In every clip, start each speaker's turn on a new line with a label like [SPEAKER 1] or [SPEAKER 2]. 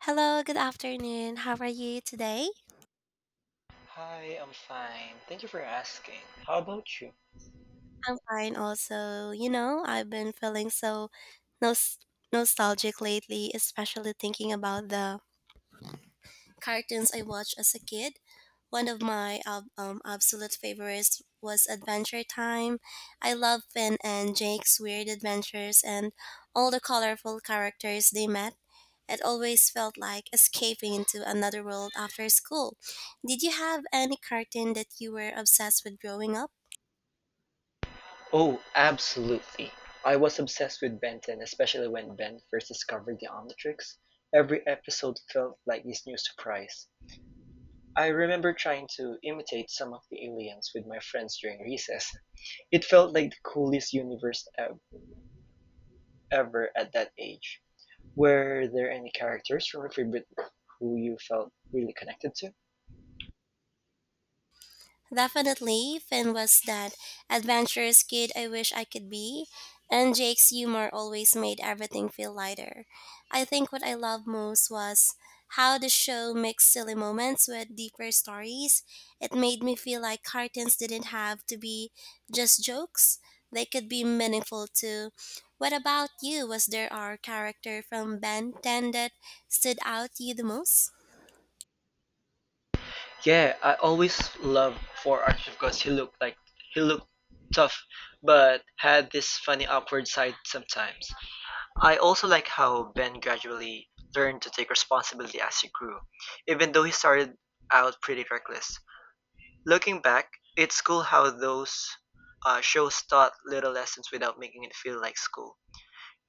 [SPEAKER 1] Hello, good afternoon. How are you today?
[SPEAKER 2] Hi, I'm fine. Thank you for asking. How about you?
[SPEAKER 1] I'm fine also. I've been feeling so nos nostalgic lately, especially thinking about the cartoons I watched as a kid. One of my absolute favorites was Adventure Time. I love Finn and Jake's weird adventures and all the colorful characters they met. It always felt like escaping into another world after school. Did you have any cartoon that you were obsessed with growing up?
[SPEAKER 2] Oh, absolutely. I was obsessed with Benton, especially when Ben first discovered the Omnitrix. Every episode felt like this new surprise. I remember trying to imitate some of the aliens with my friends during recess. It felt like the coolest ever at that age. Were there any characters from your favorite who you felt really connected to?
[SPEAKER 1] Definitely, Finn was that adventurous kid I wish I could be, and Jake's humor always made everything feel lighter. I think what I loved most was how the show mixed silly moments with deeper stories. It made me feel like cartoons didn't have to be just jokes, they could be meaningful too. What about you? Was there our character from Ben 10 that stood out to you the most?
[SPEAKER 2] Yeah, I always loved for Archie because he looked tough, but had this funny awkward side sometimes. I also like how Ben gradually learned to take responsibility as he grew, even though he started out pretty reckless. Looking back, it's cool how those shows taught little lessons without making it feel like school.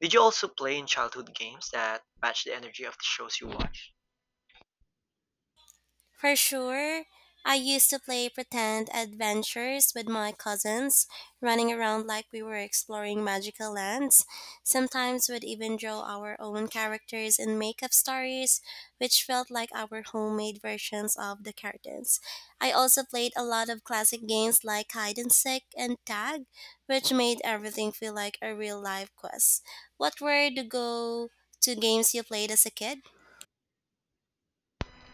[SPEAKER 2] Did you also play in childhood games that match the energy of the shows you watched?
[SPEAKER 1] For sure. I used to play pretend adventures with my cousins, running around like we were exploring magical lands. Sometimes we'd even draw our own characters and make up stories, which felt like our homemade versions of the cartoons. I also played a lot of classic games like hide and seek and tag, which made everything feel like a real life quest. What were the go to games you played as a kid?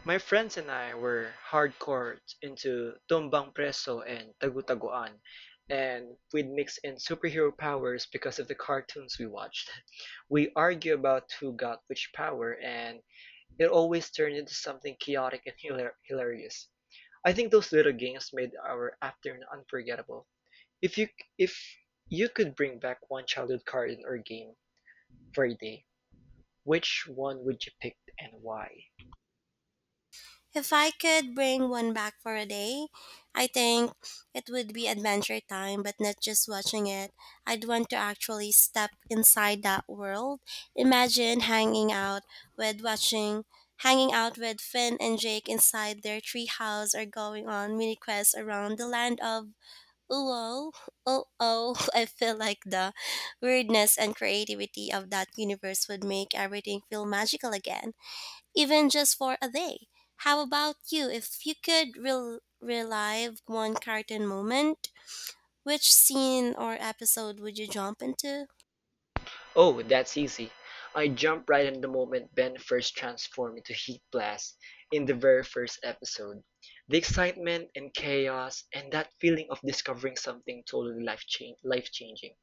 [SPEAKER 2] My friends and I were hardcore into Tumbang Preso and Tagutaguan, and we'd mix in superhero powers because of the cartoons we watched. We argue about who got which power, and it always turned into something chaotic and hilarious. I think those little games made our afternoon unforgettable. If you if you could bring back one childhood cartoon or game for a day, which one would you pick and why?
[SPEAKER 1] If I could bring one back for a day, I think it would be adventure time, but not just watching it. I'd want to actually step inside that world. Imagine hanging out with watching hanging out with Finn and Jake inside their treehouse or going on mini quests around the land of Uo. Oh, I feel like the weirdness and creativity of that universe would make everything feel magical again even just for a day. How about you? If you could relive one cartoon moment, which scene or episode would you jump into?
[SPEAKER 2] Oh, that's easy. I jumped right in the moment Ben first transformed into Heat Blast in the very first episode. The excitement and chaos and that feeling of discovering something totally life changing.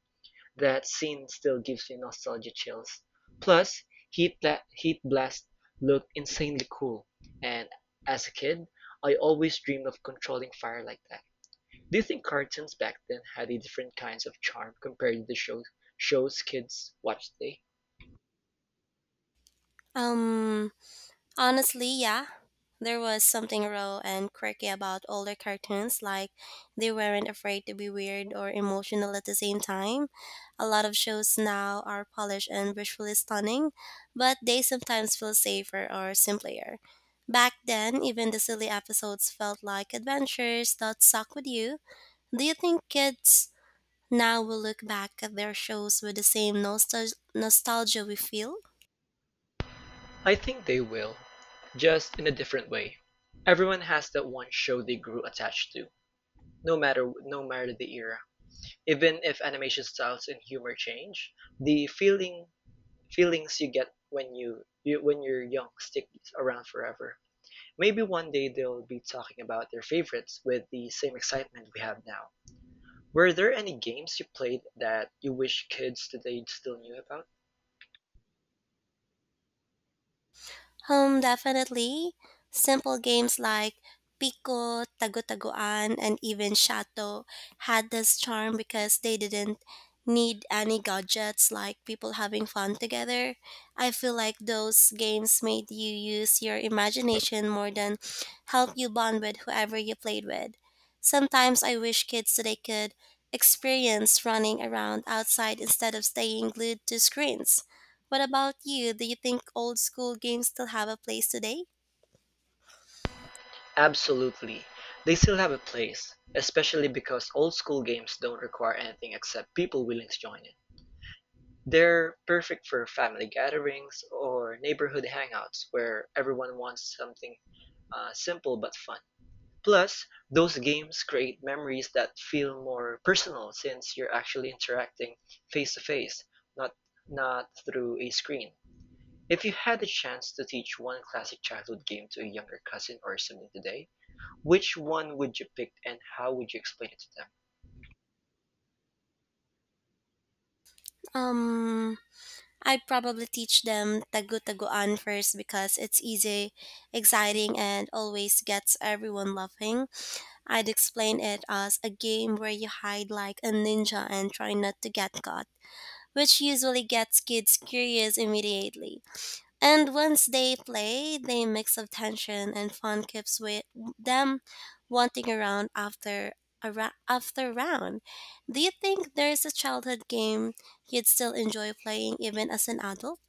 [SPEAKER 2] That scene still gives me nostalgia chills. Plus, Heat Blast looked insanely cool, and as a kid, I always dreamed of controlling fire like that. Do you think cartoons back then had a different kinds of charm compared to the show shows kids watch today?
[SPEAKER 1] Um, Honestly, yeah. There was something raw and quirky about older cartoons, like they weren't afraid to be weird or emotional at the same time. A lot of shows now are polished and visually stunning, but they sometimes feel safer or simpler. Back then, even the silly episodes felt like adventures that stuck with you. Do you think kids now will look back at their shows with the same nostalgia we feel?
[SPEAKER 2] I think they will, just in a different way. Everyone has that one show they grew attached to, no matter the era. Even if animation styles and humor change, the feelings you get when you're young stick around forever. Maybe one day they'll be talking about their favorites with the same excitement we have now. Were there any games you played that you wish kids today still knew about?
[SPEAKER 1] Home definitely. Simple games like Pico, Tago-Tagoan, and even Shato had this charm because they didn't need any gadgets like people having fun together. I feel like those games made you use your imagination more than help you bond with whoever you played with. Sometimes I wish kids today could experience running around outside instead of staying glued to screens. What about you? Do you think old school games still have a place today?
[SPEAKER 2] Absolutely. They still have a place, especially because old school games don't require anything except people willing to join it. They're perfect for family gatherings or neighborhood hangouts where everyone wants something simple but fun. Plus, those games create memories that feel more personal since you're actually interacting face to face, not not through a screen. If you had the chance to teach one classic childhood game to a younger cousin or sibling today, which one would you pick and how would you explain it to them?
[SPEAKER 1] Um, I'd probably teach them tagu-taguan first because it's easy, exciting, and always gets everyone laughing. I'd explain it as a game where you hide like a ninja and try not to get caught, which usually gets kids curious immediately. And once they play, the mix of tension and fun keeps with them wanting around after round. Do you think there's a childhood game you'd still enjoy playing even as an adult?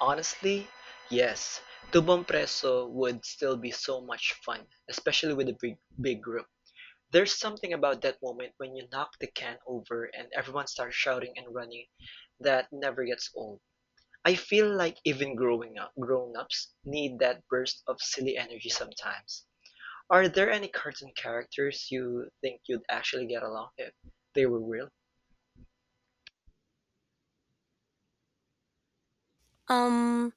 [SPEAKER 2] Honestly, yes. Tubong Preso would still be so much fun, especially with a big, big group. There's something about that moment when you knock the can over and everyone starts shouting and running that never gets old. I feel like even growing up, grown-ups need that burst of silly energy sometimes. Are there any cartoon characters you think you'd actually get along with if they were real?
[SPEAKER 1] Um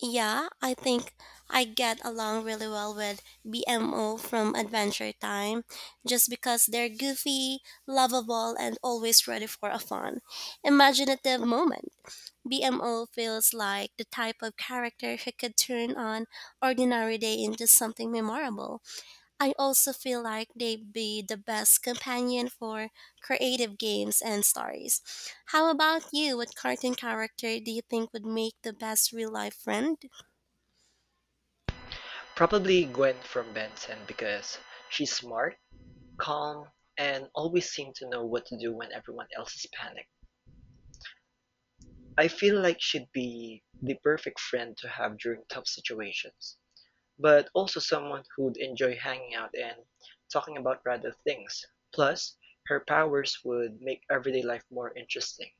[SPEAKER 1] yeah, I think I get along really well with BMO from Adventure Time just because they're goofy, lovable, and always ready for a fun, imaginative moment. BMO feels like the type of character who could turn an ordinary day into something memorable. I also feel like they'd be the best companion for creative games and stories. How about you? What cartoon character do you think would make the best real life friend?
[SPEAKER 2] Probably Gwen from "Benson" because she's smart, calm, and always seems to know what to do when everyone else is panicked. I feel like she'd be the perfect friend to have during tough situations, but also someone who'd enjoy hanging out and talking about random things. Plus, her powers would make everyday life more interesting.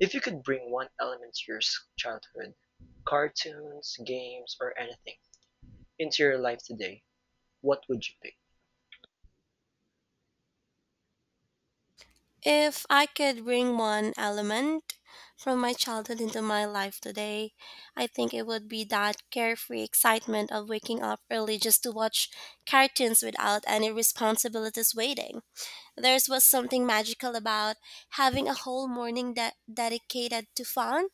[SPEAKER 2] If you could bring one element to your childhood, cartoons, games, or anything, into your life today, what would you pick?
[SPEAKER 1] If I could bring one element from my childhood into my life today, I think it would be that carefree excitement of waking up early just to watch cartoons without any responsibilities waiting. There was something magical about having a whole morning dedicated to fun,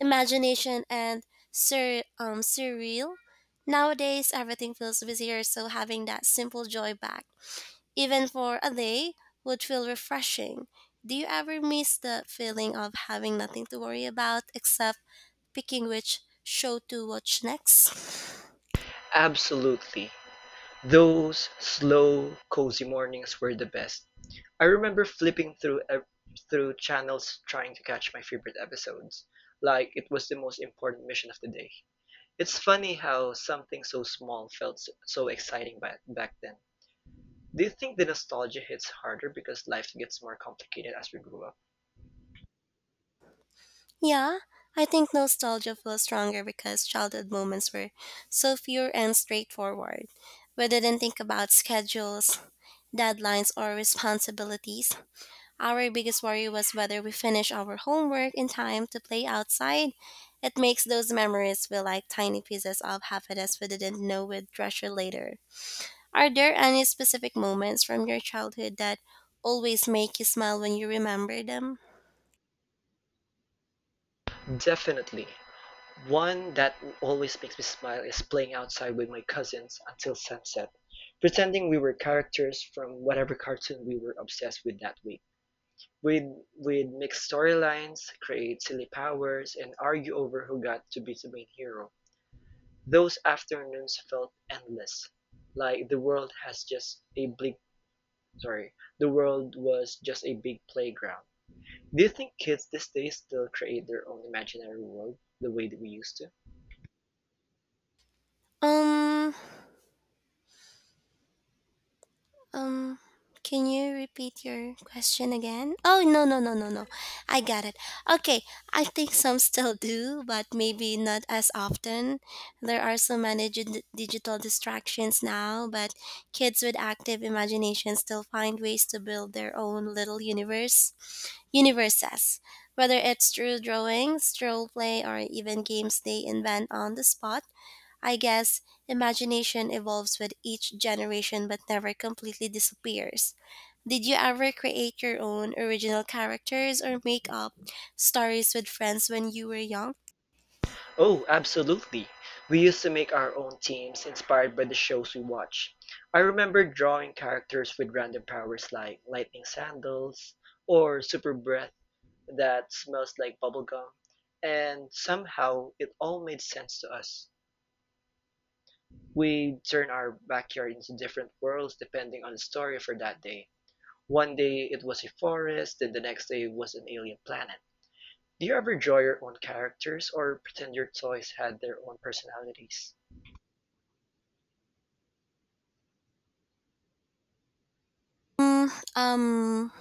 [SPEAKER 1] imagination, and surreal. Nowadays, everything feels busier, so having that simple joy back even for a day, would feel refreshing. Do you ever miss the feeling of having nothing to worry about except picking which show to watch next?
[SPEAKER 2] Absolutely. Those slow, cozy mornings were the best. I remember flipping through through channels trying to catch my favorite episodes, like it was the most important mission of the day. It's funny how something so small felt so exciting back then. Do you think the nostalgia hits harder because life gets more complicated as we grew up?
[SPEAKER 1] Yeah, I think nostalgia feels stronger because childhood moments were so pure and straightforward. We didn't think about schedules, deadlines, or responsibilities. Our biggest worry was whether we finish our homework in time to play outside. It makes those memories feel like tiny pieces of happiness we didn't know we'd treasure later. Are there any specific moments from your childhood that always make you smile when you remember them?
[SPEAKER 2] Definitely. One that always makes me smile is playing outside with my cousins until sunset, pretending we were characters from whatever cartoon we were obsessed with that week. We'd, we'd mix storylines, create silly powers, and argue over who got to be the main hero. Those afternoons felt endless, like sorry, the world was just a big playground. Do you think kids these days still create their own imaginary world the way that we used to?
[SPEAKER 1] Um, Um, can you repeat your question again? Oh, no, no, no, no, no. I got it. Okay, I think some still do, but maybe not as often. There are so many digital distractions now, but kids with active imagination still find ways to build their own little universes. Whether it's through drawings, role play, or even games they invent on the spot, I guess imagination evolves with each generation but never completely disappears. Did you ever create your own original characters or make up stories with friends when you were young?
[SPEAKER 2] Oh, absolutely. We used to make our own teams inspired by the shows we watch. I remember drawing characters with random powers like lightning sandals or super breath that smells like bubblegum, and somehow it all made sense to us. We turned our backyard into different worlds depending on the story for that day. One day it was a forest, then the next day it was an alien planet. Do you ever draw your own characters or pretend your toys had their own personalities?
[SPEAKER 1] Mm, um,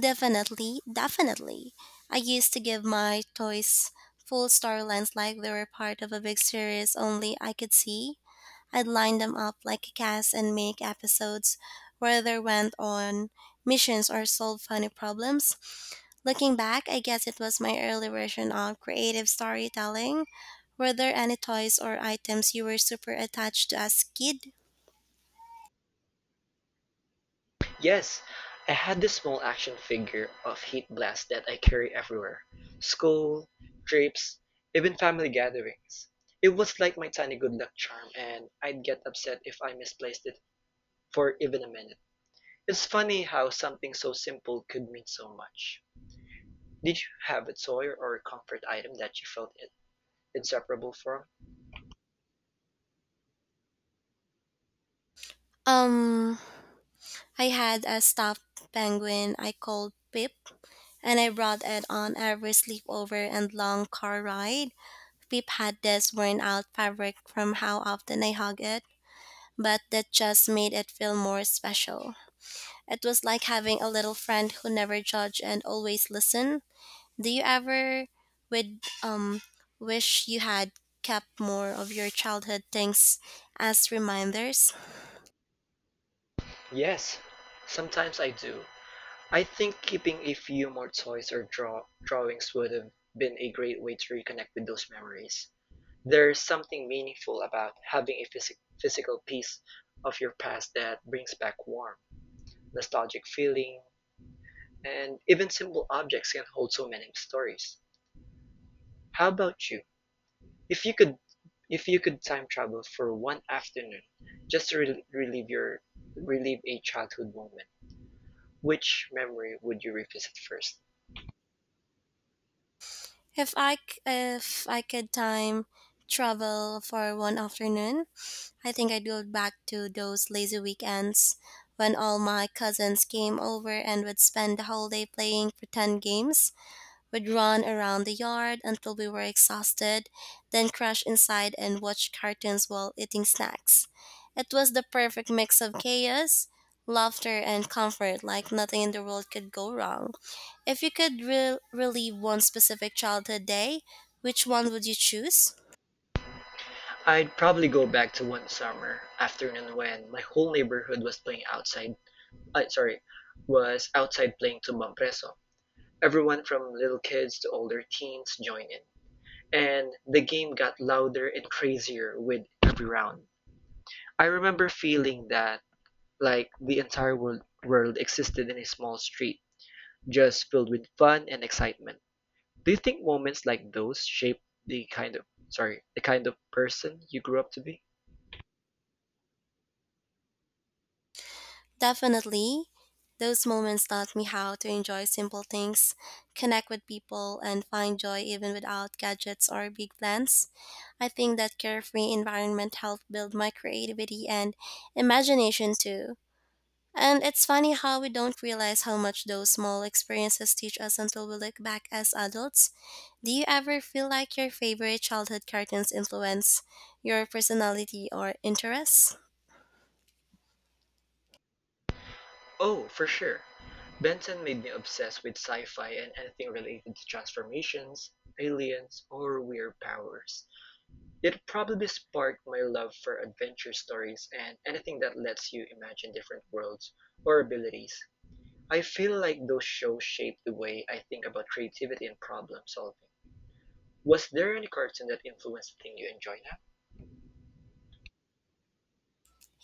[SPEAKER 1] Definitely. I used to give my toys full storylines like they were part of a big series only I could see. I'd line them up like a cast and make episodes where they went on missions or solved funny problems. Looking back, I guess it was my early version of creative storytelling. Were there any toys or items you were super attached to as a kid?
[SPEAKER 2] Yes, I had this small action figure of Heat Blast that I carry everywhere. School, trips, even family gatherings. It was like my tiny good luck charm and I'd get upset if I misplaced it for even a minute. It's funny how something so simple could mean so much. Did you have a toy or a comfort item that you felt inseparable from?
[SPEAKER 1] Um, I had a stuffed penguin I called Pip, and I brought it on every sleepover and long car ride. Pip had this worn out fabric from how often I hug it, but that just made it feel more special. It was like having a little friend who never judged and always listened. Do you ever would wish you had kept more of your childhood things as reminders?
[SPEAKER 2] Yes, sometimes I do. I think keeping a few more toys or drawings would have been a great way to reconnect with those memories. There's something meaningful about having a physical piece of your past that brings back warm, nostalgic feeling, and even simple objects can hold so many stories. How about you? If you could if you could time travel for one afternoon just to relieve a childhood moment, which memory would you revisit first?
[SPEAKER 1] If I could time travel for one afternoon, I think I'd go back to those lazy weekends when all my cousins came over and would spend the whole day playing pretend games would run around the yard until we were exhausted, then crash inside and watch cartoons while eating snacks. It was the perfect mix of chaos, laughter, and comfort, like nothing in the world could go wrong. If you could relive one specific childhood day, which one would you choose?
[SPEAKER 2] I'd probably go back to one summer afternoon when my whole neighborhood uh, sorry, was outside playing Tumbang Preso. Everyone from little kids to older teens joined in, and the game got louder and crazier with every round. I remember feeling that like the entire world existed in a small street, just filled with fun and excitement. Do you think moments like those shape the kind of person you grew up to be?
[SPEAKER 1] Definitely, those moments taught me how to enjoy simple things, connect with people, and find joy even without gadgets or big plans. I think that carefree environment helped build my creativity and imagination too. And it's funny how we don't realize how much those small experiences teach us until we look back as adults. Do you ever feel like your favorite childhood cartoons influence your personality or interests?
[SPEAKER 2] Oh, for sure. Benson made me obsessed with sci-fi and anything related to transformations, aliens, or weird powers. It probably sparked my love for adventure stories and anything that lets you imagine different worlds or abilities. I feel like those shows shaped the way I think about creativity and problem solving. Was there any cartoon that influenced the thing you enjoy now?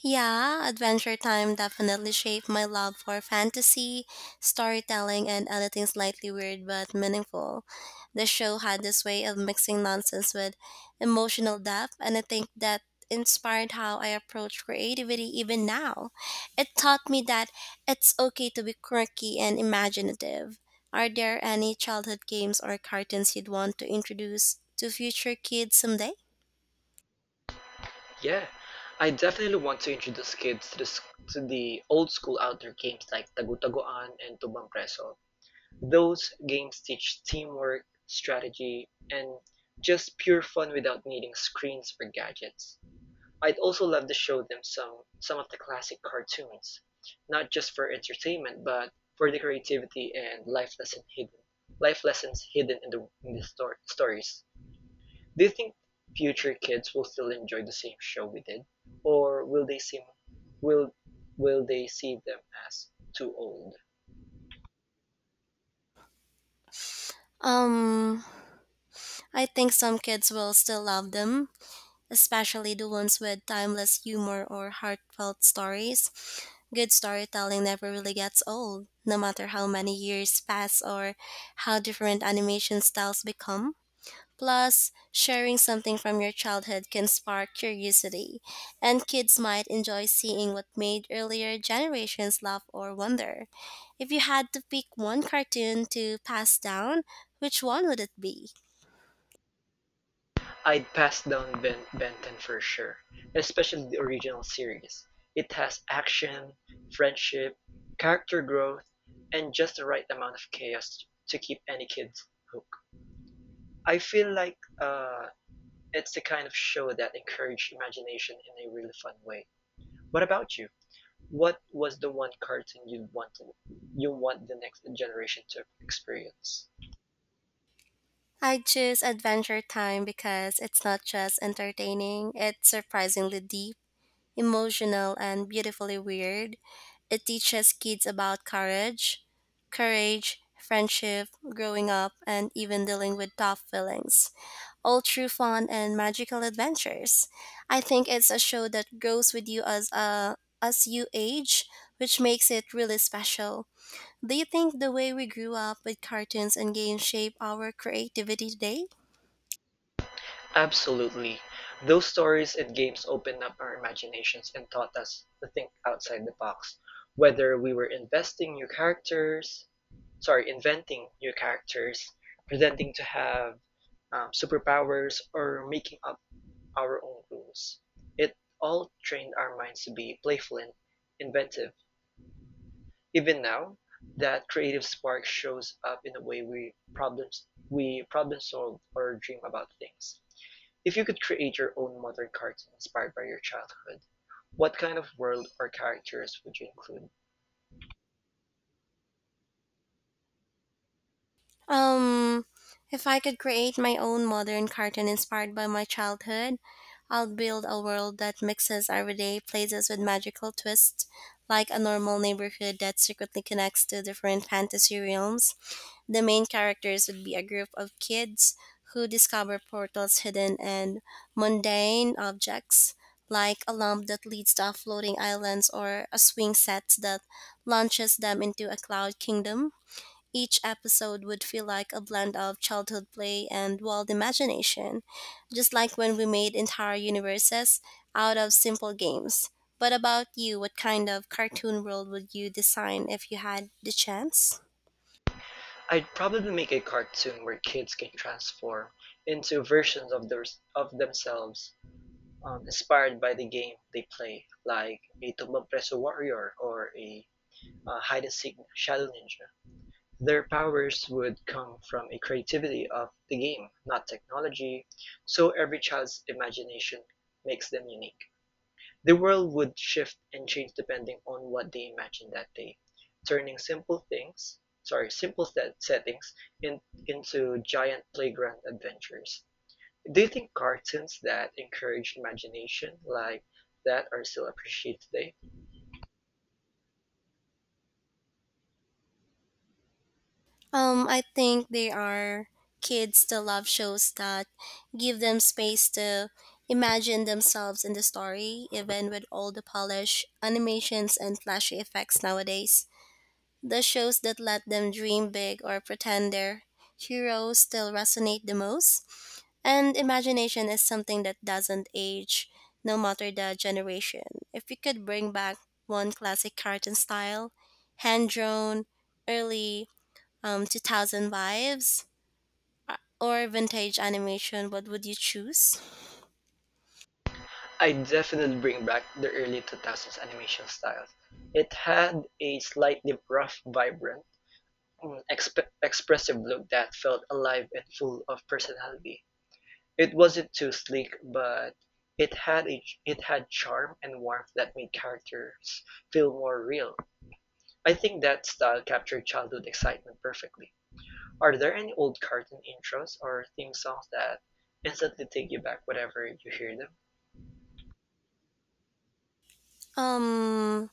[SPEAKER 1] Yeah, Adventure Time definitely shaped my love for fantasy, storytelling, and anything slightly weird but meaningful. The show had this way of mixing nonsense with emotional depth, and I think that inspired how I approach creativity even now. It taught me that it's okay to be quirky and imaginative. Are there any childhood games or cartoons you'd want to introduce to future kids someday?
[SPEAKER 2] Yeah, I definitely want to introduce kids to to the old school outdoor games like Tagutagoan and Tubang Preso. Those games teach teamwork, strategy, and just pure fun without needing screens or gadgets. I'd also love to show them some of the classic cartoons, not just for entertainment, but for the creativity and life lessons hidden in the stories. Do you think future kids will still enjoy the same show we did, or will will they see them as too old?
[SPEAKER 1] Um, I think some kids will still love them, especially the ones with timeless humor or heartfelt stories. Good storytelling never really gets old, no matter how many years pass or how different animation styles become. Plus, sharing something from your childhood can spark curiosity, and kids might enjoy seeing what made earlier generations laugh or wonder. If you had to pick one cartoon to pass down, which one would it be?
[SPEAKER 2] I'd pass down Benton for sure, especially the original series. It has action, friendship, character growth, and just the right amount of chaos to keep any kid hooked. I feel like it's the kind of show that encourages imagination in a really fun way. What about you? What was the one cartoon you want the next generation to experience?
[SPEAKER 1] I choose Adventure Time because it's not just entertaining, it's surprisingly deep, emotional, and beautifully weird. It teaches kids about courage, friendship, growing up, and even dealing with tough feelings. All through fun and magical adventures. I think it's a show that grows with you as you age, which makes it really special. Do you think the way we grew up with cartoons and games shape our creativity today?
[SPEAKER 2] Absolutely. Those stories and games opened up our imaginations and taught us to think outside the box. Whether we were investing new characters, sorry, inventing new characters, pretending to have superpowers, or making up our own rules, it all trained our minds to be playful and inventive. Even now, that creative spark shows up in the way we problem solve or dream about things. If you could create your own modern cartoon inspired by your childhood, what kind of world or characters would you include?
[SPEAKER 1] Um, if I could create my own modern cartoon inspired by my childhood, I'd build a world that mixes everyday places with magical twists, like a normal neighborhood that secretly connects to different fantasy realms. The main characters would be a group of kids who discover portals hidden and mundane objects, like a lamp that leads to floating islands or a swing set that launches them into a cloud kingdom. Each episode would feel like a blend of childhood play and wild imagination, just like when we made entire universes out of simple games. What about you? What kind of cartoon world would you design if you had the chance?
[SPEAKER 2] I'd probably make a cartoon where kids can transform into versions of their of themselves inspired by the game they play, like a Tumbang Preso Warrior or a Hide and Seek Shadow Ninja. Their powers would come from a creativity of the game, not technology, so every child's imagination makes them unique. The world would shift and change depending on what they imagined that day, turning simple settings in, into giant playground adventures. Do you think cartoons that encourage imagination like that are still appreciated today?
[SPEAKER 1] I think there are kids that love shows that give them space to imagine themselves in the story, even with all the polish, animations, and flashy effects nowadays. The shows that let them dream big or pretend their heroes still resonate the most. And imagination is something that doesn't age, no matter the generation. If you could bring back one classic cartoon style, hand drawn, early 2000 vibes, or vintage animation, what would you choose?
[SPEAKER 2] I definitely bring back the early 2000s animation style. It had a slightly rough, vibrant, expressive look that felt alive and full of personality. It wasn't too sleek, but it had charm and warmth that made characters feel more real. I think that style captured childhood excitement perfectly. Are there any old cartoon intros or theme songs that instantly take you back whenever you hear them?
[SPEAKER 1] Um,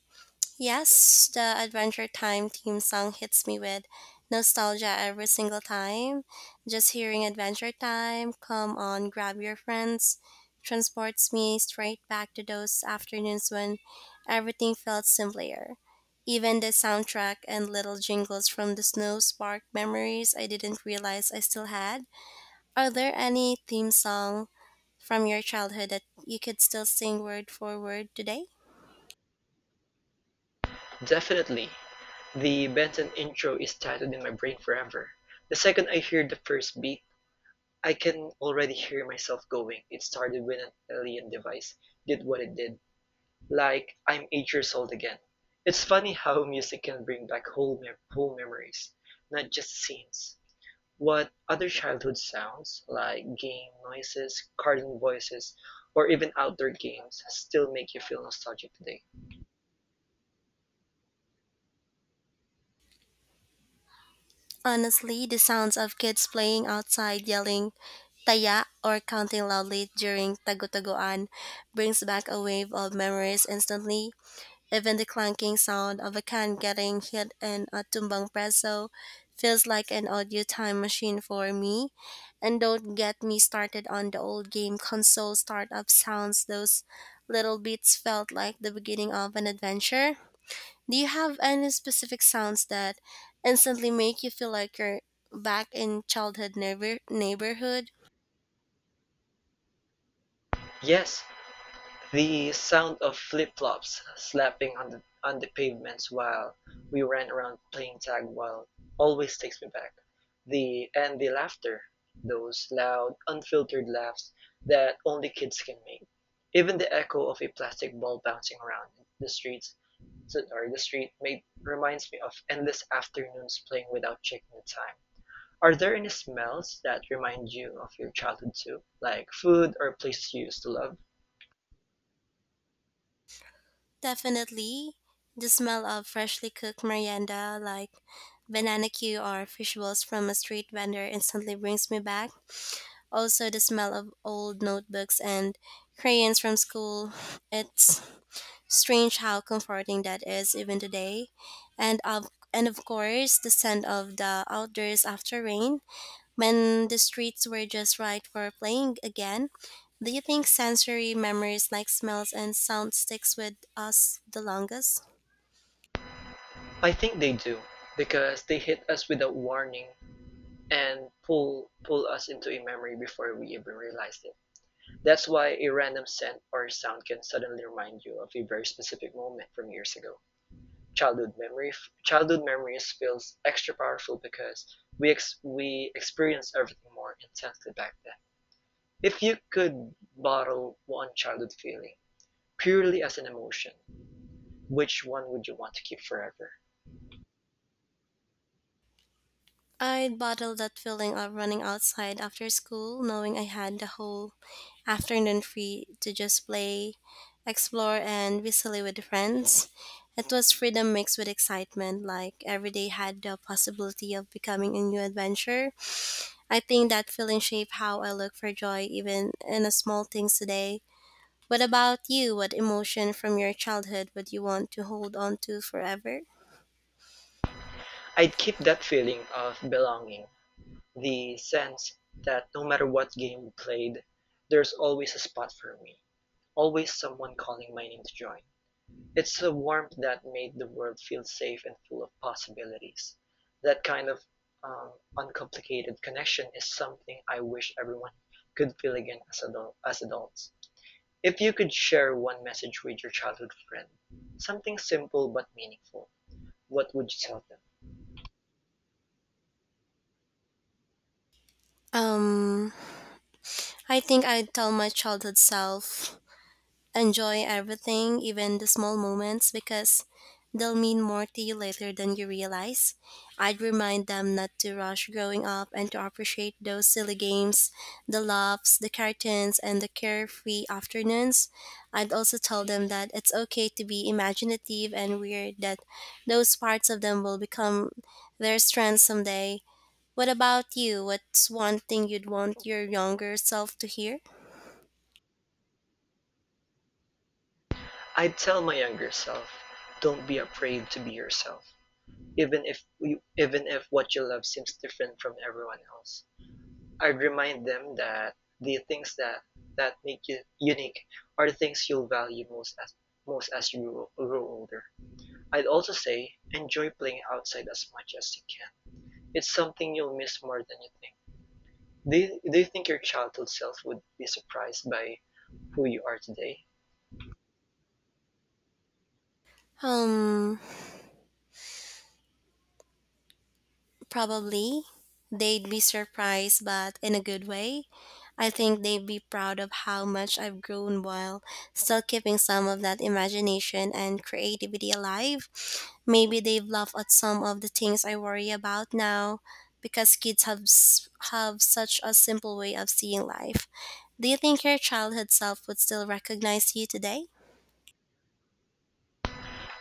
[SPEAKER 1] Yes, the Adventure Time theme song hits me with nostalgia every single time. Just hearing Adventure Time, come on, grab your friends, transports me straight back to those afternoons when everything felt simpler. Even the soundtrack and little jingles from the snow sparked memories I didn't realize I still had. Are there any theme song from your childhood that you could still sing word for word today?
[SPEAKER 2] Definitely. The Benton intro is tattooed in my brain forever. The second I hear the first beat, I can already hear myself going. It started with an alien device, did what it did, like I'm eight years old again. It's funny how music can bring back whole, whole memories, not just scenes. What other childhood sounds, like game noises, cartoon voices, or even outdoor games, still make you feel nostalgic today?
[SPEAKER 1] Honestly, the sounds of kids playing outside yelling taya or counting loudly during tagutaguan brings back a wave of memories instantly. Even the clanking sound of a can getting hit in a tumbang preso feels like an audio time machine for me. And don't get me started on the old game console startup sounds. Those little beats felt like the beginning of an adventure. Do you have any specific sounds that instantly make you feel like you're back in childhood neighborhood?
[SPEAKER 2] Yes, the sound of flip-flops slapping on the pavements while we ran around playing tag while always takes me back. The and the laughter, those loud, unfiltered laughs that only kids can make. Even the echo of a plastic ball bouncing around the streets so, or the street made, reminds me of endless afternoons playing without checking the time. Are there any smells that remind you of your childhood too? Like food or places you used to love?
[SPEAKER 1] Definitely. The smell of freshly cooked merienda like banana cue or fish balls from a street vendor instantly brings me back. Also, the smell of old notebooks and crayons from school. It's strange how comforting that is even today. And of and of course, the scent of the outdoors after rain when the streets were just right for playing again. Do you think sensory memories like smells and sound sticks with us the longest?
[SPEAKER 2] I think they do because they hit us without warning and pull us into a memory before we even realize it. That's why a random scent or sound can suddenly remind you of a very specific moment from years ago. Childhood memory Childhood memories feels extra powerful because we experience everything more intensely back then. If you could bottle one childhood feeling purely as an emotion, which one would you want to keep forever?
[SPEAKER 1] I'd bottle that feeling of running outside after school, knowing I had the whole afternoon free to just play, explore, and be silly with friends. It was freedom mixed with excitement, like every day had the possibility of becoming a new adventure. I think that feeling shaped how I look for joy, even in the small things today. What about you? What emotion from your childhood would you want to hold on to forever?
[SPEAKER 2] I'd keep that feeling of belonging, the sense that no matter what game we played, there's always a spot for me, always someone calling my name to join. It's a warmth that made the world feel safe and full of possibilities. That kind of uncomplicated connection is something I wish everyone could feel again as adults. If you could share one message with your childhood friend, something simple but meaningful, what would you tell them?
[SPEAKER 1] Um, I think I'd tell my childhood self, enjoy everything, even the small moments, because they'll mean more to you later than you realize. I'd remind them not to rush growing up and to appreciate those silly games, the laughs, the cartoons, and the carefree afternoons. I'd also tell them that it's okay to be imaginative and weird, that those parts of them will become their strengths someday. What about you? What's one thing you'd want your younger self to hear?
[SPEAKER 2] I'd tell my younger self, don't be afraid to be yourself, even if what you love seems different from everyone else. I'd remind them that the things that make you unique are the things you'll value most as you grow older. I'd also say enjoy playing outside as much as you can. It's something you'll miss more than you think. Do you think your childhood self would be surprised by who you are today?
[SPEAKER 1] Um, Probably. They'd be surprised, but in a good way. I think they'd be proud of how much I've grown while still keeping some of that imagination and creativity alive. Maybe they've laughed at some of the things I worry about now because kids have such a simple way of seeing life. Do you think your childhood self would still recognize you today?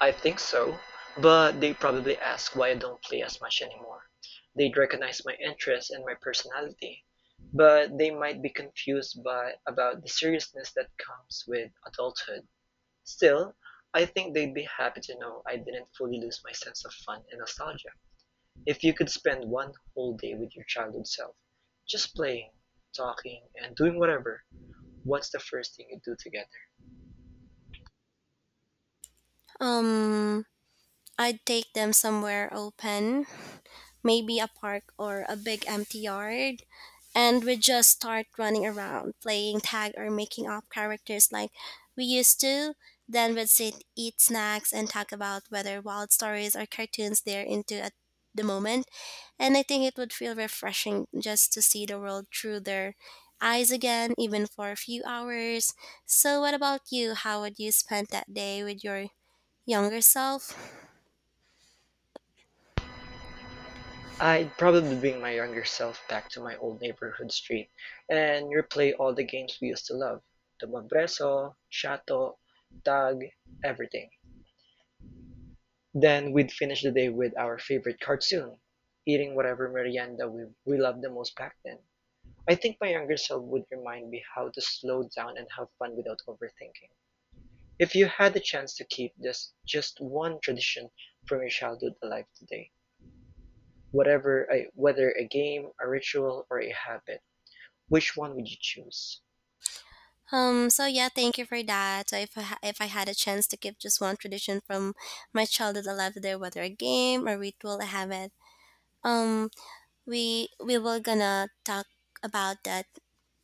[SPEAKER 2] I think so, but they probably ask why I don't play as much anymore. They'd recognize my interest and my personality, but they might be confused by about the seriousness that comes with adulthood. Still, I think they'd be happy to know I didn't fully lose my sense of fun and nostalgia. If you could spend one whole day with your childhood self, just playing, talking, and doing whatever, what's the first thing you do together?
[SPEAKER 1] Um, I'd take them somewhere open, maybe a park or a big empty yard. And we just start running around, playing tag or making up characters like we used to. Then we'd sit, eat snacks, and talk about whether wild stories or cartoons they're into at the moment. And I think it would feel refreshing just to see the world through their eyes again, even for a few hours. So, what about you? How would you spend that day with your younger self?
[SPEAKER 2] I'd probably bring my younger self back to my old neighborhood street and replay all the games we used to love. Tumbabreso, Shato, tag, everything. Then we'd finish the day with our favorite cartoon, eating whatever merienda we loved the most back then. I think my younger self would remind me how to slow down and have fun without overthinking. If you had the chance to keep this just one tradition from your childhood alive today, whatever a whether a game, a ritual, or a habit, which one would you choose?
[SPEAKER 1] So yeah, thank you for that. So if I had a chance to keep just one tradition from my childhood alive today, whether a game or ritual, I have it. Um, we will gonna talk about that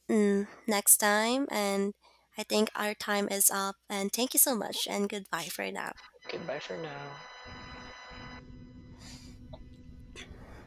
[SPEAKER 1] next time, and I think our time is up. And thank you so much, and goodbye for now.
[SPEAKER 2] Okay, bye for now!